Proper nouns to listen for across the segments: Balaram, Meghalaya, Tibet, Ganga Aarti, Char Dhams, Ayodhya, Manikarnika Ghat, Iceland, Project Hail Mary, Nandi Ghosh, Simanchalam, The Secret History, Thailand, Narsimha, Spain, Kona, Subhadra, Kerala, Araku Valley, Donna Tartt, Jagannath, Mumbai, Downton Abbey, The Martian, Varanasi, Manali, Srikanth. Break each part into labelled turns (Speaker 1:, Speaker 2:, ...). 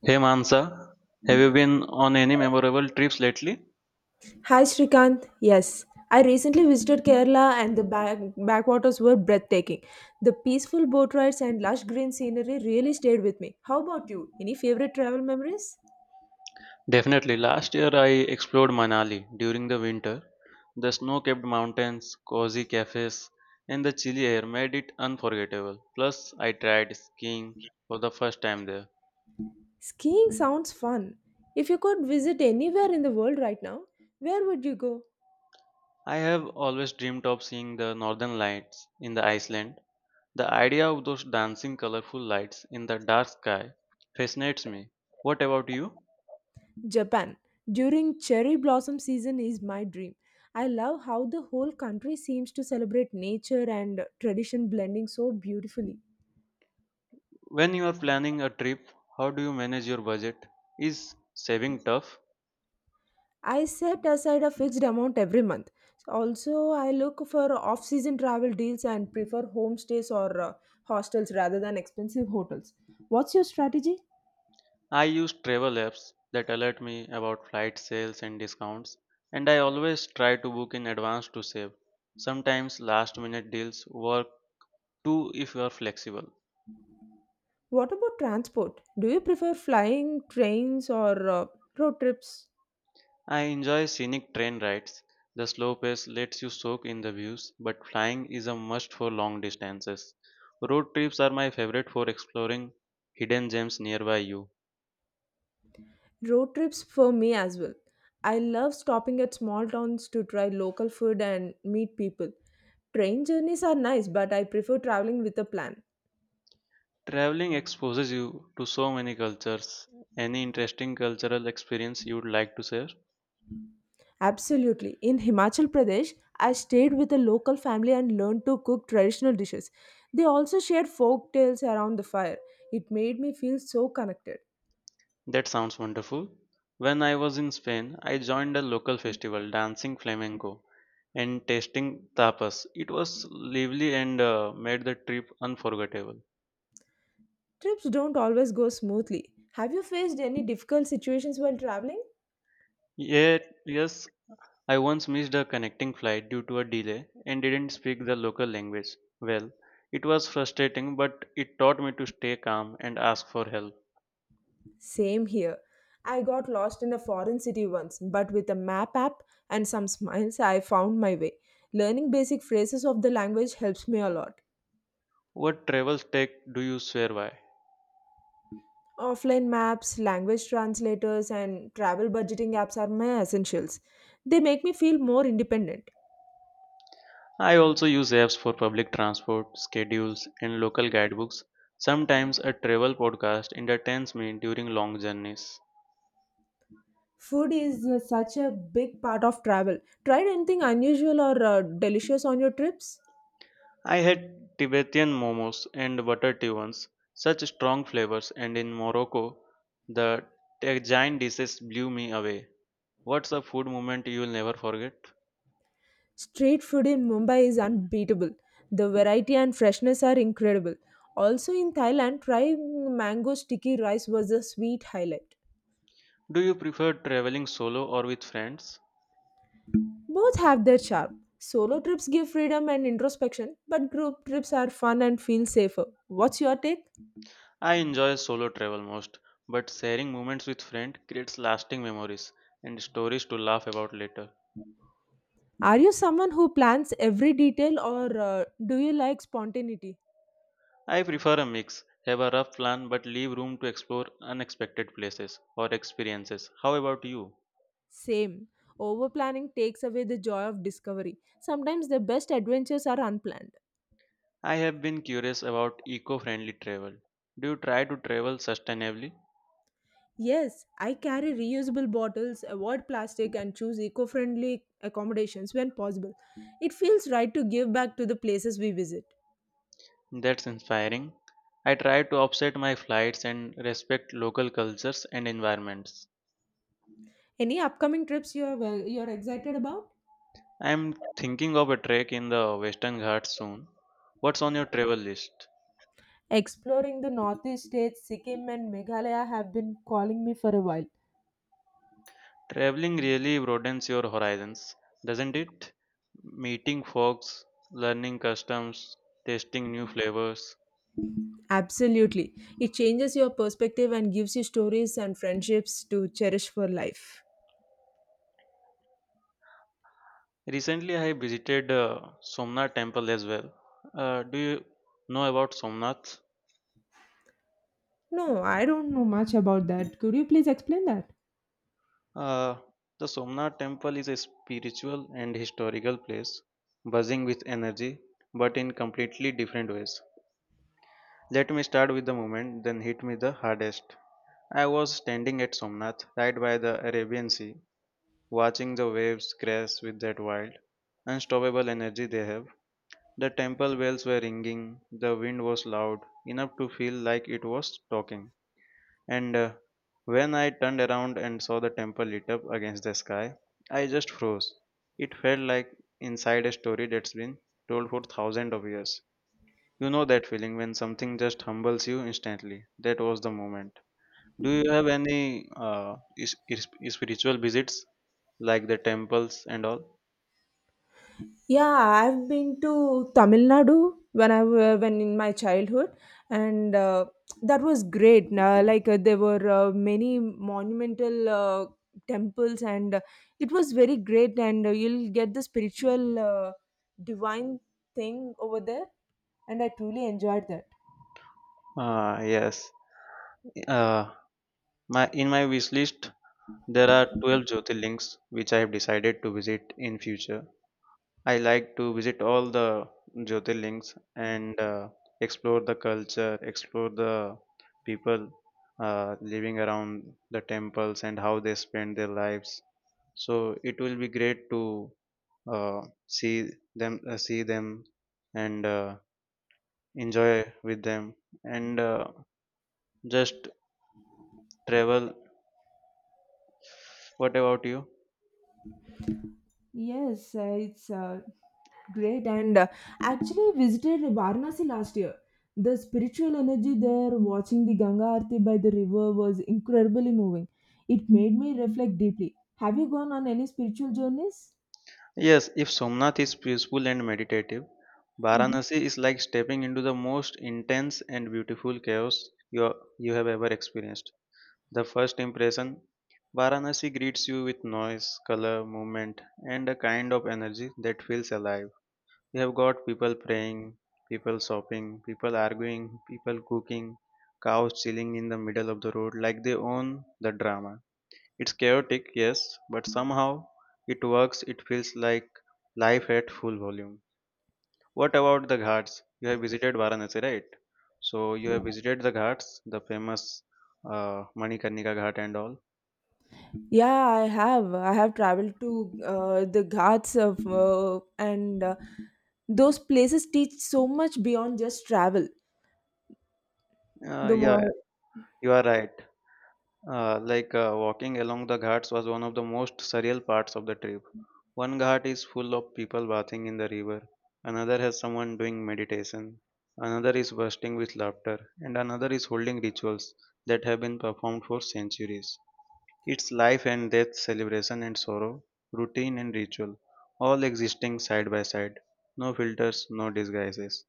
Speaker 1: Hey Mansa, have you been on any memorable trips lately?
Speaker 2: Hi Srikanth, yes. I recently visited Kerala and the backwaters were breathtaking. The peaceful boat rides and lush green scenery really stayed with me. How about you? Any favorite travel memories?
Speaker 1: Definitely. Last year I explored Manali during the winter. The snow-capped mountains, cozy cafes, and the chilly air made it unforgettable. Plus, I tried skiing for the first time there.
Speaker 2: Skiing sounds fun. If you could visit anywhere in the world right now, where would you go?
Speaker 1: I have always dreamed of seeing the northern lights in the Iceland. The idea of those dancing colorful lights in the dark sky fascinates me. What about you?
Speaker 2: Japan. During cherry blossom season is my dream. I love how the whole country seems to celebrate nature and tradition blending so beautifully.
Speaker 1: When you are planning a trip, how do you manage your budget? Is saving tough?
Speaker 2: I set aside a fixed amount every month. Also, I look for off season travel deals and prefer homestays or hostels rather than expensive hotels. What's your strategy?
Speaker 1: I use travel apps that alert me about flight sales and discounts, and I always try to book in advance to save. Sometimes last minute deals work too if you are flexible.
Speaker 2: What about transport? Do you prefer flying, trains, or road trips?
Speaker 1: I enjoy scenic train rides. The slow pace lets you soak in the views, but flying is a must for long distances. Road trips are my favorite for exploring hidden gems nearby you.
Speaker 2: Road trips for me as well. I love stopping at small towns to try local food and meet people. Train journeys are nice, but I prefer traveling with a plan.
Speaker 1: Traveling exposes you to so many cultures. Any interesting cultural experience you'd like to share?
Speaker 2: Absolutely. In Himachal Pradesh, I stayed with a local family and learned to cook traditional dishes. They also shared folk tales around the fire. It made me feel so connected.
Speaker 1: That sounds wonderful. When I was in Spain, I joined a local festival dancing flamenco and tasting tapas. It was lively and made the trip unforgettable.
Speaker 2: Trips don't always go smoothly. Have you faced any difficult situations while traveling?
Speaker 1: Yet, yes, I once missed a connecting flight due to a delay and didn't speak the local language well. It was frustrating, but it taught me to stay calm and ask for help.
Speaker 2: Same here. I got lost in a foreign city once, but with a map app and some smiles, I found my way. Learning basic phrases of the language helps me a lot.
Speaker 1: What travel tech do you swear by?
Speaker 2: Offline maps, language translators, and travel budgeting apps are my essentials. They make me feel more independent.
Speaker 1: I also use apps for public transport, schedules, and local guidebooks. Sometimes a travel podcast entertains me during long journeys.
Speaker 2: Food is such a big part of travel. Tried anything unusual or delicious on your trips?
Speaker 1: I had Tibetan momos and butter tea once, such strong flavors, and in Morocco, the giant dishes blew me away. What's a food moment you'll never forget?
Speaker 2: Street food in Mumbai is unbeatable. The variety and freshness are incredible. Also in Thailand, trying mango sticky rice was a sweet highlight.
Speaker 1: Do you prefer traveling solo or with friends?
Speaker 2: Both have their charm. Solo trips give freedom and introspection, but group trips are fun and feel safer. What's your take?
Speaker 1: I enjoy solo travel most, but sharing moments with friends creates lasting memories and stories to laugh about later.
Speaker 2: Are you someone who plans every detail or do you like spontaneity?
Speaker 1: I prefer a mix, have a rough plan but leave room to explore unexpected places or experiences. How about you?
Speaker 2: Same. Over planning takes away the joy of discovery. Sometimes the best adventures are unplanned.
Speaker 1: I have been curious about eco friendly travel. Do you try to travel sustainably?
Speaker 2: Yes, I carry reusable bottles, avoid plastic, and choose eco friendly accommodations when possible. It feels right to give back to the places we visit.
Speaker 1: That's inspiring. I try to offset my flights and respect local cultures and environments.
Speaker 2: Any upcoming trips you are excited about?
Speaker 1: I am thinking of a trek in the Western Ghats soon. What's on your travel list?
Speaker 2: Exploring the northeast states, Sikkim and Meghalaya have been calling me for a while.
Speaker 1: Traveling really broadens your horizons, doesn't it? Meeting folks, learning customs, tasting new flavors.
Speaker 2: Absolutely. It changes your perspective and gives you stories and friendships to cherish for life.
Speaker 1: Recently, I visited Somnath temple as well. Do you know about Somnath?
Speaker 2: No, I don't know much about that. Could you please explain that?
Speaker 1: Uh, the Somnath temple is a spiritual and historical place, buzzing with energy, but in completely different ways. Let me start with the moment, then hit me the hardest. I was standing at Somnath, right by the Arabian Sea, watching the waves crash with that wild, unstoppable energy they have. The temple bells were ringing, the wind was loud, enough to feel like it was talking. And when I turned around and saw the temple lit up against the sky, I just froze. It felt like inside a story that's been told for thousands of years. You know that feeling when something just humbles you instantly. That was the moment. Do you have any spiritual visits like the temples and all?
Speaker 2: Yeah, I've been to Tamil Nadu when in my childhood, and that was great. Now, there were many monumental temples, and it was very great. And you'll get the spiritual, divine thing over there, and I truly enjoyed that.
Speaker 1: Ah, yes. Uh, my in my wish list there are 12 Jyotirlings which I have decided to visit in future. I like to visit all the Jyotirlings and explore the culture, explore the people living around the temples and how they spend their lives. So it will be great to uh, see them, and enjoy with them, and just travel. What about you?
Speaker 2: Yes, it's great. And actually, visited Varanasi last year. The spiritual energy there, watching the Ganga Aarti by the river, was incredibly moving. It made me reflect deeply. Have you gone on any spiritual journeys?
Speaker 1: Yes, if Somnath is peaceful and meditative,
Speaker 2: Mhm.
Speaker 1: Varanasi is like stepping into the most intense and beautiful chaos you have ever experienced. The first impression Varanasi greets you with noise, color, movement, and a kind of energy that feels alive. You have got people praying, people shopping, people arguing, people cooking, cows chilling in the middle of the road like they own the drama. It's chaotic, yes, but somehow it works. It feels like life at full volume. What about the ghats? You have visited Varanasi, right? So you have visited the ghats, the famous Manikarnika Ghat and all.
Speaker 2: Yeah, I have. I have traveled to the Ghats of and those places teach so much beyond just travel. The
Speaker 1: Yeah,
Speaker 2: mo-
Speaker 1: you are right. Walking along the ghats was one of the most surreal parts of the trip. One ghat is full of people bathing in the river, another has someone doing meditation, another is bursting with laughter, and another is holding rituals that have been performed for centuries. It's life and death, celebration and sorrow, routine and ritual, all existing side by side. No filters, no disguises.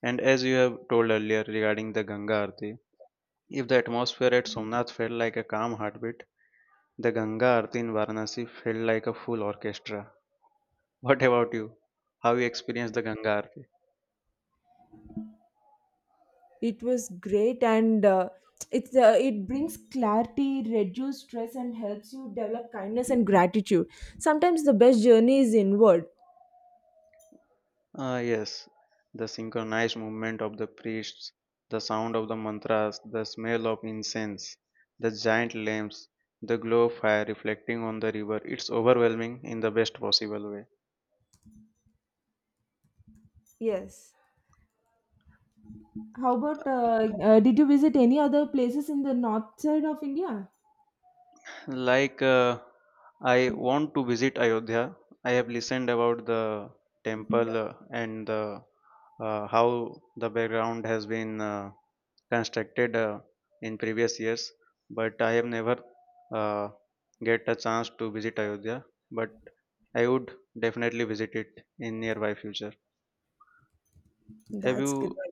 Speaker 1: And as you have told earlier regarding the Ganga Aarti, if the atmosphere at Somnath felt like a calm heartbeat, the Ganga Aarti in Varanasi felt like a full orchestra. What about you? How you experienced the Ganga Aarti?
Speaker 2: It was great, and it's it brings clarity, reduces stress, and helps you develop kindness and gratitude. Sometimes the best journey is inward.
Speaker 1: Ah, yes, the synchronized movement of the priests, the sound of the mantras, the smell of incense, the giant lamps, the glow of fire reflecting on the river. It's overwhelming in the best possible way.
Speaker 2: Yes. How about did you visit any other places in the north side of India?
Speaker 1: Like, uh, I want to visit Ayodhya. I have listened about the temple and the how the background has been constructed in previous years, but I have never uh, get a chance to visit Ayodhya. But I would definitely visit it in nearby future. Have
Speaker 2: That's good.
Speaker 1: you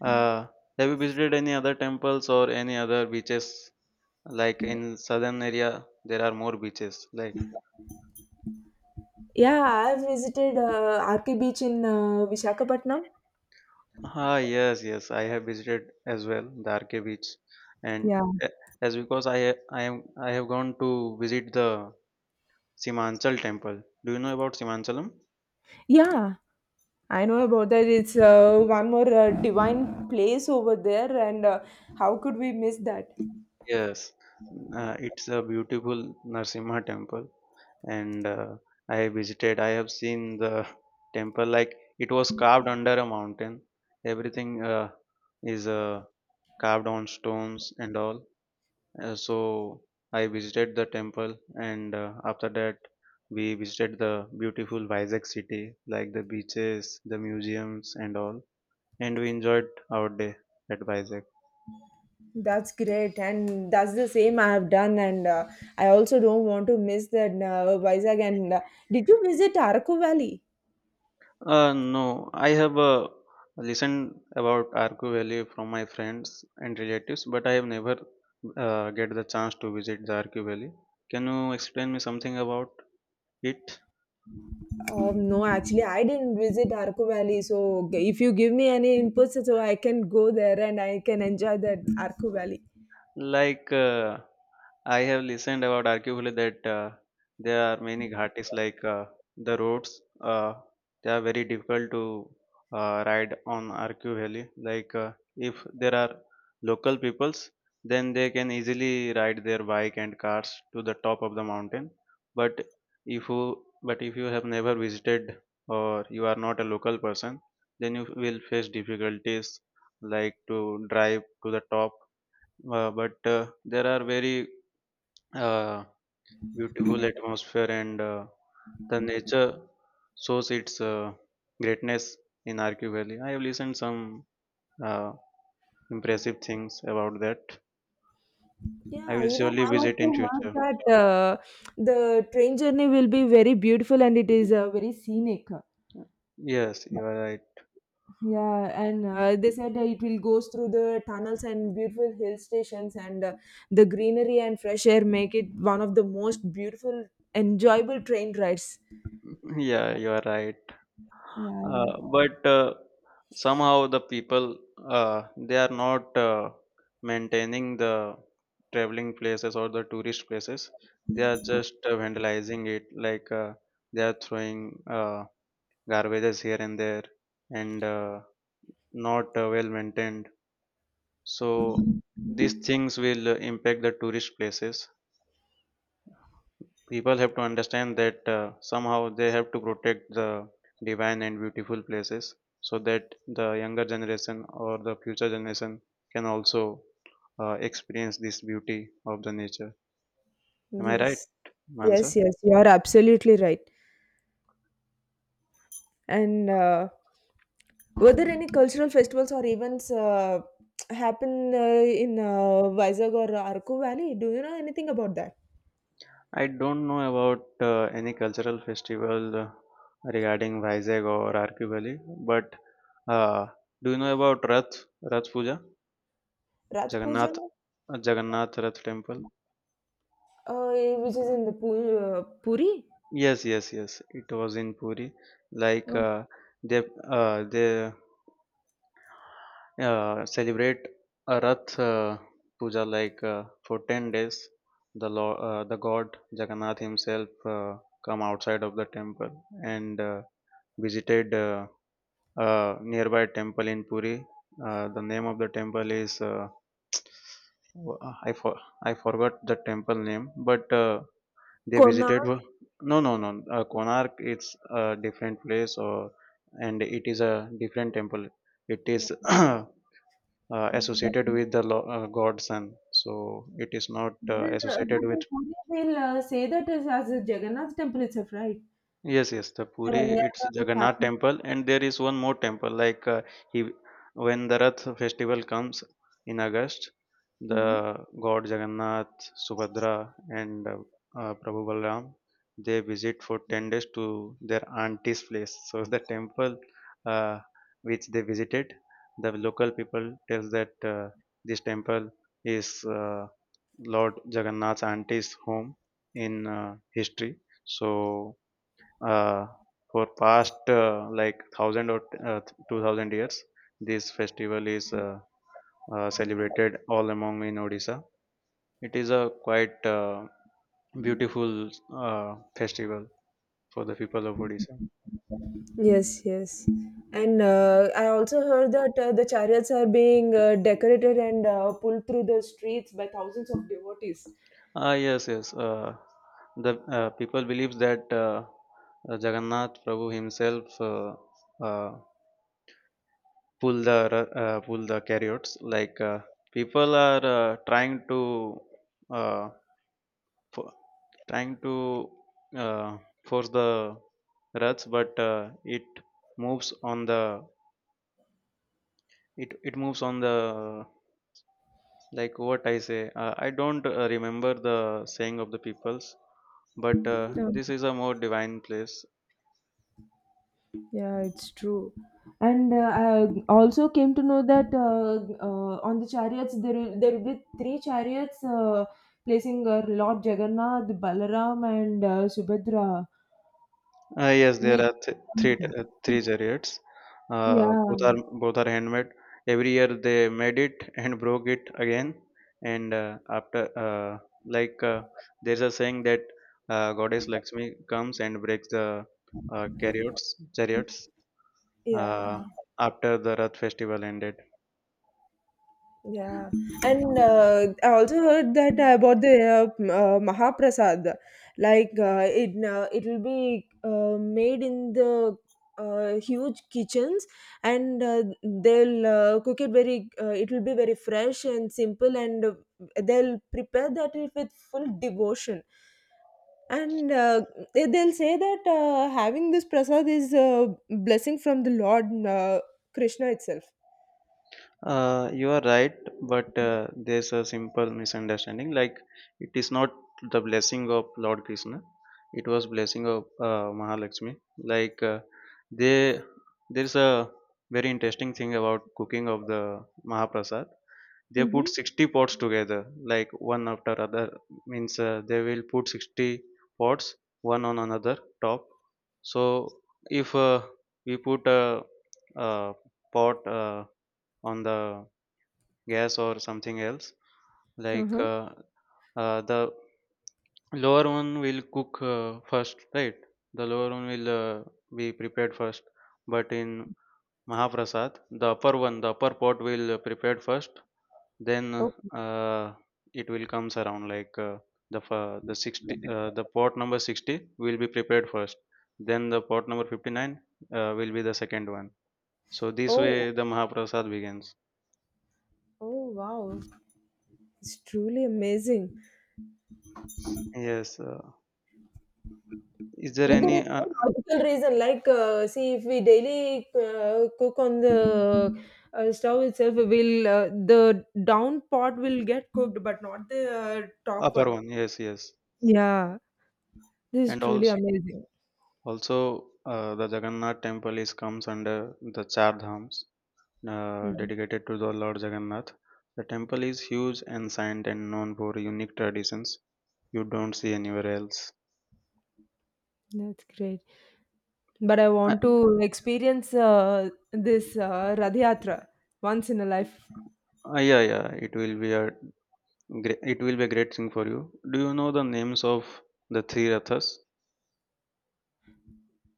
Speaker 1: uh, have you visited any other temples or any other beaches? Like in southern area, there are more beaches. Like
Speaker 2: Yeah, I've visited RK Beach in Visakhapatnam.
Speaker 1: ah yes, yes, I have visited as well the Arke beach, and
Speaker 2: Yeah.
Speaker 1: uh, as because I have gone to visit the Simanchal temple. Do you know about Simanchalam?
Speaker 2: Yeah, I know about that. It's one more divine place over there, and how could we miss that?
Speaker 1: Yes, it's a beautiful Narsimha temple, and I visited. I have seen the temple like it was carved under a mountain. Everything is carved on stones and all. So I visited the temple, and after that, we visited the beautiful Vizag city, like the beaches, the museums, and all. And we enjoyed our day at Vizag.
Speaker 2: That's great, and that's the same I have done, and I also don't want to miss that Vizag. And did you visit Araku Valley?
Speaker 1: No, I have listened about Arku Valley from my friends and relatives, but I have never get the chance to visit the Arku Valley. Can you explain me something about it?
Speaker 2: No, actually, I didn't visit Araku Valley. So, if you give me any inputs, so I can go there and I can enjoy that Araku Valley.
Speaker 1: Like uh, I have listened about arguably that there are many ghatis like the roads. They are very difficult to ride on RQ Valley. If there are local peoples, then they can easily ride their bike and cars to the top of the mountain. But but if you have never visited or you are not a local person, then you will face difficulties like to drive to the top but there are very uh, beautiful atmosphere and the nature shows its greatness in Arcu Valley. I have listened some uh, impressive things about that. I
Speaker 2: Yeah,
Speaker 1: will
Speaker 2: even
Speaker 1: surely
Speaker 2: I
Speaker 1: visit in
Speaker 2: also
Speaker 1: future.
Speaker 2: heard that the train journey will be very beautiful and it is very scenic.
Speaker 1: Yes, you are right.
Speaker 2: Yeah, and they said it will goes through the tunnels and beautiful hill stations, and the greenery and fresh air make it one of the most beautiful, enjoyable train rides.
Speaker 1: Yeah, you are right.
Speaker 2: Yeah.
Speaker 1: But Somehow the people they are not maintaining the traveling places or the tourist places. They are just vandalizing it, like they are throwing garbages here and there, and not well maintained. So these things will impact the tourist places people have to understand that somehow they have to protect the divine and beautiful places so that the younger generation or the future generation can also experience this beauty of the nature. Am I right,
Speaker 2: Yes. Yes,
Speaker 1: Mansa?
Speaker 2: yes, you are absolutely right. And were there any cultural festivals or events happen in Vizag or Arku Valley? Do you know anything about that?
Speaker 1: I don't know about any cultural festival regarding Vizag or RQ Valley, but uh, do you know about Rath Puja,
Speaker 2: Rath Puja,
Speaker 1: Jagannath, Jagannath Rath Temple?
Speaker 2: uh, which is in the Puri.
Speaker 1: Yes, yes, yes. It was in Puri. Like uh, they they celebrate a Rath Puja like for 10 days. The God Jagannath himself come outside of the temple and visited a nearby temple in Puri. The name of the temple is I for, I forgot the temple name, but they
Speaker 2: Kona.
Speaker 1: visited. No, no, no. Konark, it's a different place, or and it is a different temple. It is associated
Speaker 2: Then,
Speaker 1: with the god sun, so it is not
Speaker 2: but
Speaker 1: associated with
Speaker 2: in Korea, they'll say that is as a Jagannath temple itself, right?
Speaker 1: yes, yes, the Puri,
Speaker 2: There
Speaker 1: it's
Speaker 2: are
Speaker 1: Jagannath
Speaker 2: happens.
Speaker 1: temple, and there is one more temple. He, when the Rath festival comes in August,
Speaker 2: Hmm.
Speaker 1: the god Jagannath, Subhadra, and Prabhu Balaram, they visit for 10 days to their auntie's place. So the temple uh, which they visited, the local people tells that this temple is Lord Jagannath's auntie's home in history. So uh, for past like 1,000 or 2,000 years, this festival is celebrated all among in Odisha. It is a quite beautiful festival for the people of Odisha.
Speaker 2: Yes, yes. And I also heard that the chariots are being decorated and pulled through the streets by thousands of devotees.
Speaker 1: Ah yes, yes. The people believe that Jagannath Prabhu himself uh, pull the pull the chariots. Like, people are trying to uh, f- trying to uh, force the ruts, but it moves on the, it moves on the, like what I say, I don't remember the saying of the peoples, but
Speaker 2: Yeah,
Speaker 1: this is a more divine place.
Speaker 2: yeah, it's true. And I also came to know that on the chariots there will be three chariots placing Lord Jagannath, Balaram, and Subhadra.
Speaker 1: Yes, there
Speaker 2: With
Speaker 1: are three chariots.
Speaker 2: yeah.
Speaker 1: Both are handmade. Every year they made it and broke it again. And after, like uh, there's a saying that goddess Lakshmi comes and breaks the uh, chariots chariots uh,
Speaker 2: Yeah,
Speaker 1: after the Rath festival ended.
Speaker 2: yeah, and I also heard that about the Mahaprasad, it will be made in the huge kitchens, and they'll cook it very. It will be very fresh and simple, and they'll prepare that with full devotion. And they'll say that having this prasad is a blessing from the lord krishna itself.
Speaker 1: You are right, but there's a simple misunderstanding. Like, it is not the blessing of Lord Krishna; it was blessing of Mahalakshmi. Like, they, there's a very interesting thing about cooking of the Mahaprasad. They put
Speaker 2: Mm-hmm.
Speaker 1: 60 pots together, like one after other. Means they will put 60 pots one on another top. So if we put a pot on the gas or something else, like,
Speaker 2: Uh-huh.
Speaker 1: the lower one will cook first, right? The lower one will be prepared first, but in mahaprasad, the upper one, the upper pot will prepared first. Then
Speaker 2: Okay.
Speaker 1: uh, it will comes around, like, the 60, the pot number 60 will be prepared first, then the pot number 59 will be the second one. So this way
Speaker 2: Oh.
Speaker 1: the mahaprasad begins.
Speaker 2: Oh wow. It's truly amazing
Speaker 1: Yes, is there
Speaker 2: but, mm-hmm, there is
Speaker 1: any,
Speaker 2: no logical reason. See if we daily cook on the stove itself will the down pot will get cooked but not the top
Speaker 1: Upper
Speaker 2: one.
Speaker 1: one? Yes, yes.
Speaker 2: Yeah. This is
Speaker 1: And
Speaker 2: truly
Speaker 1: also,
Speaker 2: amazing.
Speaker 1: also uh, the Jagannath temple is comes under the Char Dhams,
Speaker 2: Mm.
Speaker 1: dedicated to the Lord Jagannath. The temple is huge, ancient, and known for unique traditions you don't see anywhere else.
Speaker 2: That's great. But I
Speaker 1: Uh,
Speaker 2: want to experience this Rath Yatra once in a life.
Speaker 1: yeah, yeah, it will be a great, it will be a great thing for you. Do you know the names of the three rathas?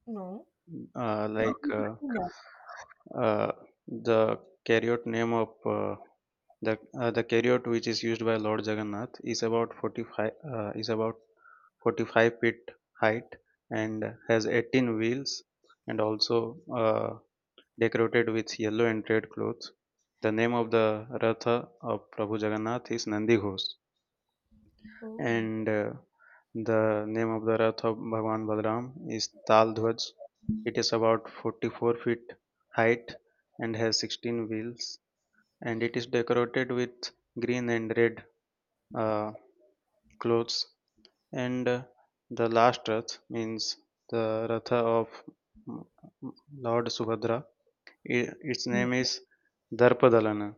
Speaker 2: No.
Speaker 1: Like,
Speaker 2: Could.
Speaker 1: uh, the chariot name of the chariot which is used by Lord Jagannath is about 45, is about 45 feet height, and has 18 wheels, and also decorated with yellow and red clothes. The name of the Ratha of Prabhu Jagannath is Nandi Ghosh,
Speaker 2: Oh.
Speaker 1: and the name of the Rath of Bhagwan Balaram is Tal Dhwaj. It is about 44 feet height and has 16 wheels, and it is decorated with green and red uh, clothes. And the last rath means the ratha of M- M- Lord Subhadra. Its name is Darpadalana,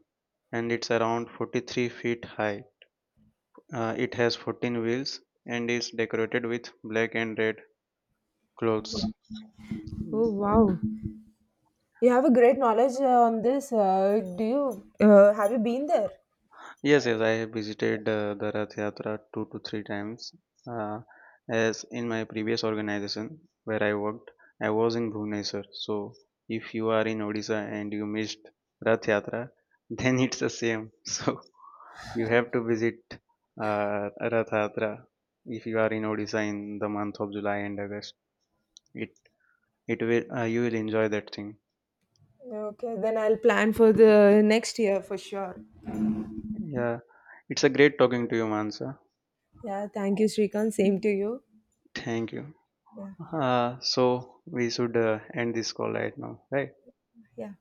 Speaker 1: and it's around 43 feet high. It has 14 wheels and is decorated with black and red clothes.
Speaker 2: Oh wow. You have a great knowledge on this. Do you have you been there?
Speaker 1: Yes, yes, I have visited the Rath Yatra two to three times. Uh, as in my previous organization where I worked, I was in Bhubaneswar. So if you are in Odisha and you missed Rath Yatra, then it's the same. So you have to visit Rath Yatra if you are in Odisha in the month of July and August. It it will You will enjoy that thing.
Speaker 2: Okay, then I'll plan for the next year for sure.
Speaker 1: Yeah, it's a great talking to you, Mansa.
Speaker 2: Yeah, thank you, Srikant. Same to you.
Speaker 1: Thank you.
Speaker 2: Yeah,
Speaker 1: So we should end this call right now, right?
Speaker 2: yeah.